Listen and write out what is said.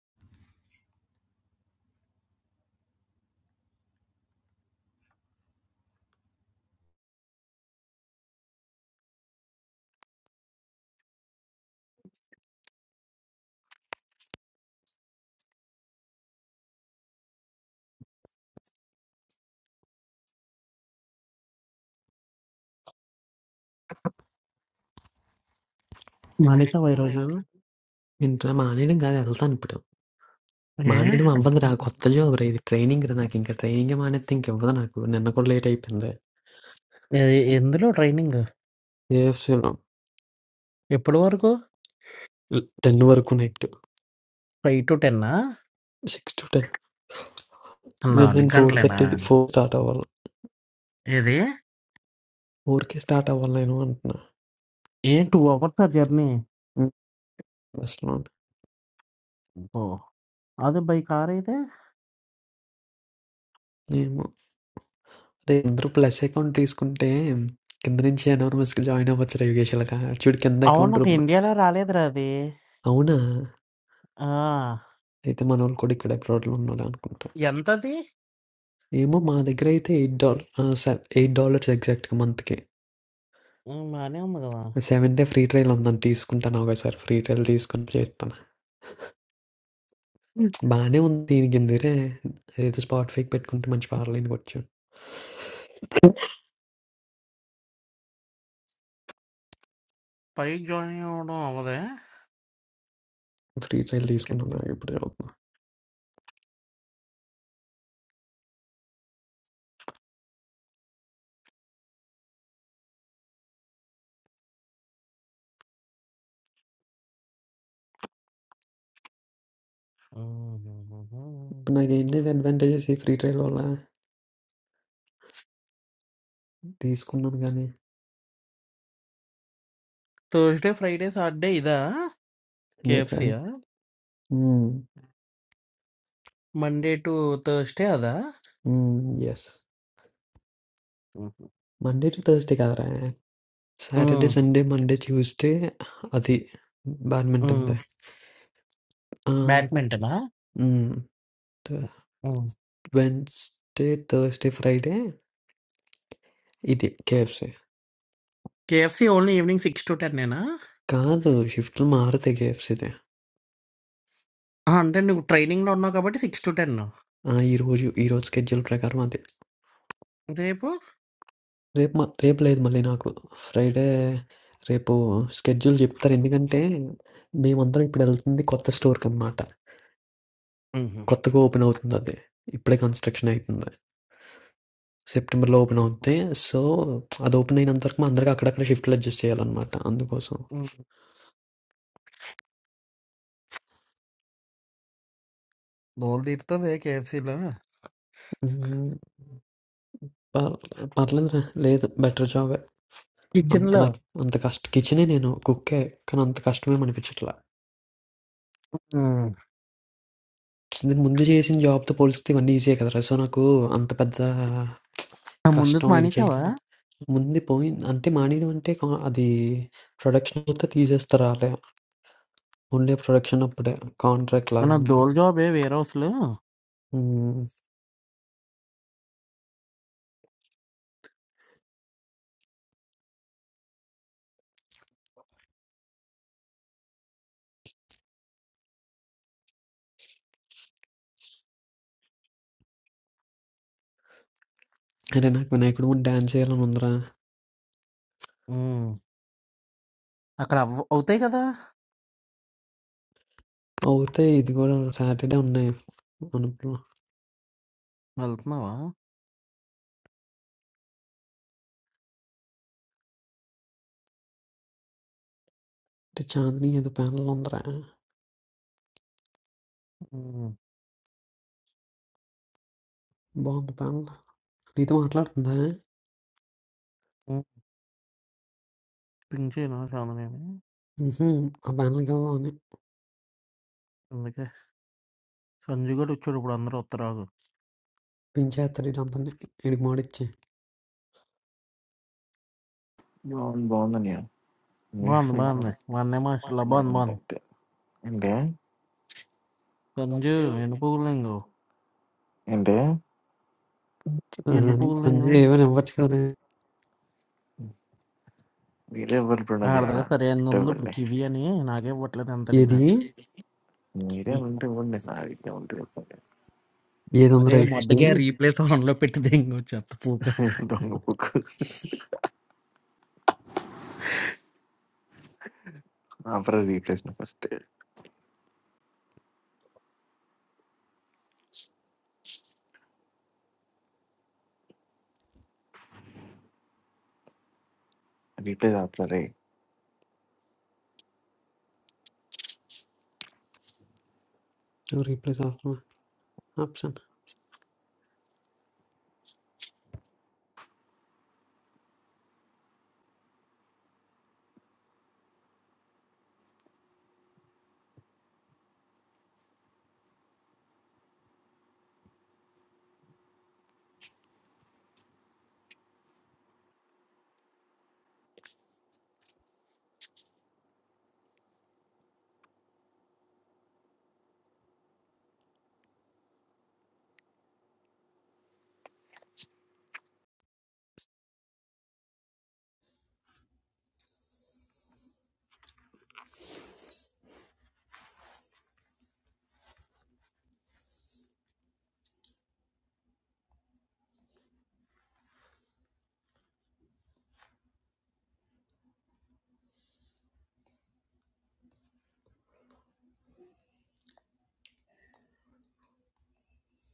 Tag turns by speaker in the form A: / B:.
A: మానేసావా ఈరోజు
B: ఇంటర్ మానేయడం కాదు వెళ్తాను ఇప్పుడు
A: ఏ
B: మానేయడం అవ్వదురా కొత్త జాబ్ రా ఇది ట్రైనింగ్ రా నాకు ఇంకా ట్రైనింగ్ మానేస్తే ఇంక ఇవ్వదు నాకు నిన్న కూడా లేట్ అయిపోయింది
A: ఏ- ఎందులో ట్రైనింగ్
B: ఏఎఫ్సీలో
A: ఎప్పటి వరకు
B: టెన్ వరకు night
A: five to ten
B: six to ten
A: నాలుగు
B: నేను ఫోర్
A: గంటలేనా
B: థర్టీకి ఫోర్ స్టార్ట్ అవ్వాలి
A: ఏది
B: ఫోర్కి స్టార్ట్ అవ్వాలి నేను అంటున్నా
A: ఏ టూ అవర్స్ ఆ జర్నీ
B: ఉమ్, అసలు
A: ఓ అదే బై కార్ అయితే
B: ఏమో రే అందరూ ప్లస్ అకౌంట్ తీసుకుంటే కింద నుంచి ఎనోర్మస్కి జాయిన్ అవ్వచ్చు రా యోగేష్ ఇలాగా చూడు కింద
A: అవును
B: అకౌంట్
A: నాకు ఇండియాలో రాలేదురా అది
B: అవునా
A: ఆ
B: అయితే మన వాళ్ళు కూడా ఇక్కడ అబ్రాడ్లో ఉన్నాడు అనుకుంటా
A: ఎంత అది
B: ఏమో మా దగ్గర అయితే ఎయిట్ డాలర్ ఎయిట్ డాలర్స్ ఎగ్జాక్ట్గా మంత్కి
A: ఆ, బానే ఉంది కదా
B: సెవెన్ డే ఫ్రీ ట్రయల్ ఉందని తీసుకుంటాను ఒకసారి ఫ్రీ ట్రయల్ తీసుకొని చేస్తాను
A: ఉమ్.
B: బాగానే ఉంది దీనికి ఎందుకే ఏదో స్పాటిఫైకి పెట్టుకుంటే మంచి పార్లైన్కి వచ్చాను
A: పైకి జాయిన్ అవ్వడం అవ్వదే
B: ఫ్రీ ట్రయల్ తీసుకున్నాను నాకు ఇప్పుడు అవుతుంది ఇప్పుడు నాకు ఏంటి అడ్వాంటేజెస్ ఈ ఫ్రీ ట్రయల్ వల్ల తీసుకున్నాను కానీ
A: థర్స్డే ఫ్రైడే సాటర్డే ఇదా
B: ఏ
A: కేఎఫ్సీయా
B: ట్రయల్స్
A: మండే టు థర్స్డే అదా
B: yes
A: um,
B: Monday to Thursday కదరా సాటర్డే సండే మండే ట్యూస్డే అది
A: ఉమ్.
B: బ్యాడ్మింటన్దే
A: బ్యాడ్మింటనా? హ్మ్.
B: వెన్స్డే థర్స్డే ఫ్రైడే ఇది కేఎఫ్సీ
A: కేఎఫ్‌సీ ఓన్లీ ఈవెనింగ్ 6-10 నేనా?
B: కాదు. షిఫ్ట్‌లు మారుతాయి కేఎఫ్‌సీ‌దే.
A: ఆ! అంటే నువ్వు ట్రైనింగ్‌లో ఉన్నావు కాబట్టి 6-10
B: ఆ! ఈరోజు, ఈరోజు స్కెడ్యూల్ ప్రకారం అదే.
A: రేపు?
B: రేపు మ రేపు లేదు మళ్ళీ నాకు. ఫ్రైడే రేపు స్కెడ్యూల్ చెప్తారు. ఎందుకంటే, మేమందరం ఇప్పుడెళ్తుంది కొత్త స్టోర్‌కనమాట.
A: మ్మ్.
B: కొత్తగా ఓపెన్ అవుతుందది. ఇప్పుడే కన్‌స్ట్రక్షన్ అయితుంది. సెప్టెంబర్‌లో ఓపెన్ అవుద్ది. సో, అది ఓపెన్ అయినంత వరకు మనందరికి అక్కడక్కడ షిఫ్ట్‌లు అడ్జస్ట్ చేయాలనమాట. అందుకోసం.
A: హ్మ్. దోలు తీరుతుంది కేఎఫ్సీలో
B: హ్మ్. పర్ పర్లేదురా. లేదు బెటర్ జాబే. అంత
A: కిచెన్‌లో.
B: నాకు అంత కష్ట కిచెనే నేను కుక్కే. కానీ అంత కష్టమేమనిపిచ్చట్లా.
A: హ్మ్.
B: నేను ముందు చేసిన జాబ్‌తో పోలిస్తే ఇవన్నీ ఈజీయే కదరా! సో, నాకు అంత పెద్ద
A: ఆ ముందుకు
B: కష్టం ఇది
A: మానేసావా?
B: చేయలేదు. ముందు పోయింది అంటే మానేయడం అంటే కా అది ప్రొడక్షన్ అంతా తీసేస్తారు ఆళ్ళే. ఓన్లీ ప్రొడక్షన్ అప్పుడే కాంట్రాక్ట్
A: మన
B: లాగనమాట.
A: దోల్ జాబే వేర్ హౌస్‌లో.
B: హ్మ్. అరే! నాకు వినాయకుడి ముందు డాన్స్ చేయాలని ఉందిరా!
A: హ్మ్. అక్కడ అవ్ అవుతాయి కదా!
B: అవుతే ఇది కూడా సాటర్‌డే ఉన్నాయి మనకు.
A: వెళ్తున్నావా?
B: అంటే చాందిని ఏదో ప్యానెల్ ఉందిరా!
A: హ్మ్.
B: బాగుంది ప్యానెల్. నీతో మాట్లాడుతుందా?
A: హ్మ్. పింక్ చేయనా చాందనేని?
B: హుహు. ఆ ప్యానెల్‌కెళ్దామని.
A: అందుకే. సంజు గాడు వచ్చాడు ఇప్పుడు అందరూ వస్తారు బాగుంది
B: పించేస్తాడు ఈడందరిని. ఈడికి మోడిచ్చి.
C: You want bond or not? We feel
A: బాగుంది.
C: that.
A: మా అన్నయ్య మాస్టర్‌లా
C: What are
A: బాగుంది
C: you
A: బాగుంది.
C: doing? India,
A: సంజు ఎన్ని పువ్వులు నీకు?
C: India.
A: ఎన్ని పువ్వులు నీకు?
B: సంజయ్ ఏమైనా ఇవ్వచ్చు కదరా!
C: The level is
A: నా
C: not
A: దగ్గర
C: enough.
A: సరైనది ఉంది
C: Double
A: ఇప్పుడు
C: day.
A: కివి అని నాకే ఇవ్వట్లేదు అంతడిన
B: Yediği
C: India, when the bond is not ready, when the bond
B: bir yere onu
A: అరే
B: replace
A: మొడ్డగా
B: edebilir mi?
A: రీప్లేస్ ఆన్ లో పెట్టి దింగొచ్చు
C: is
A: పూక
C: double, we have to replace first. Replace after that.
B: Replace altına. Ne yapsam?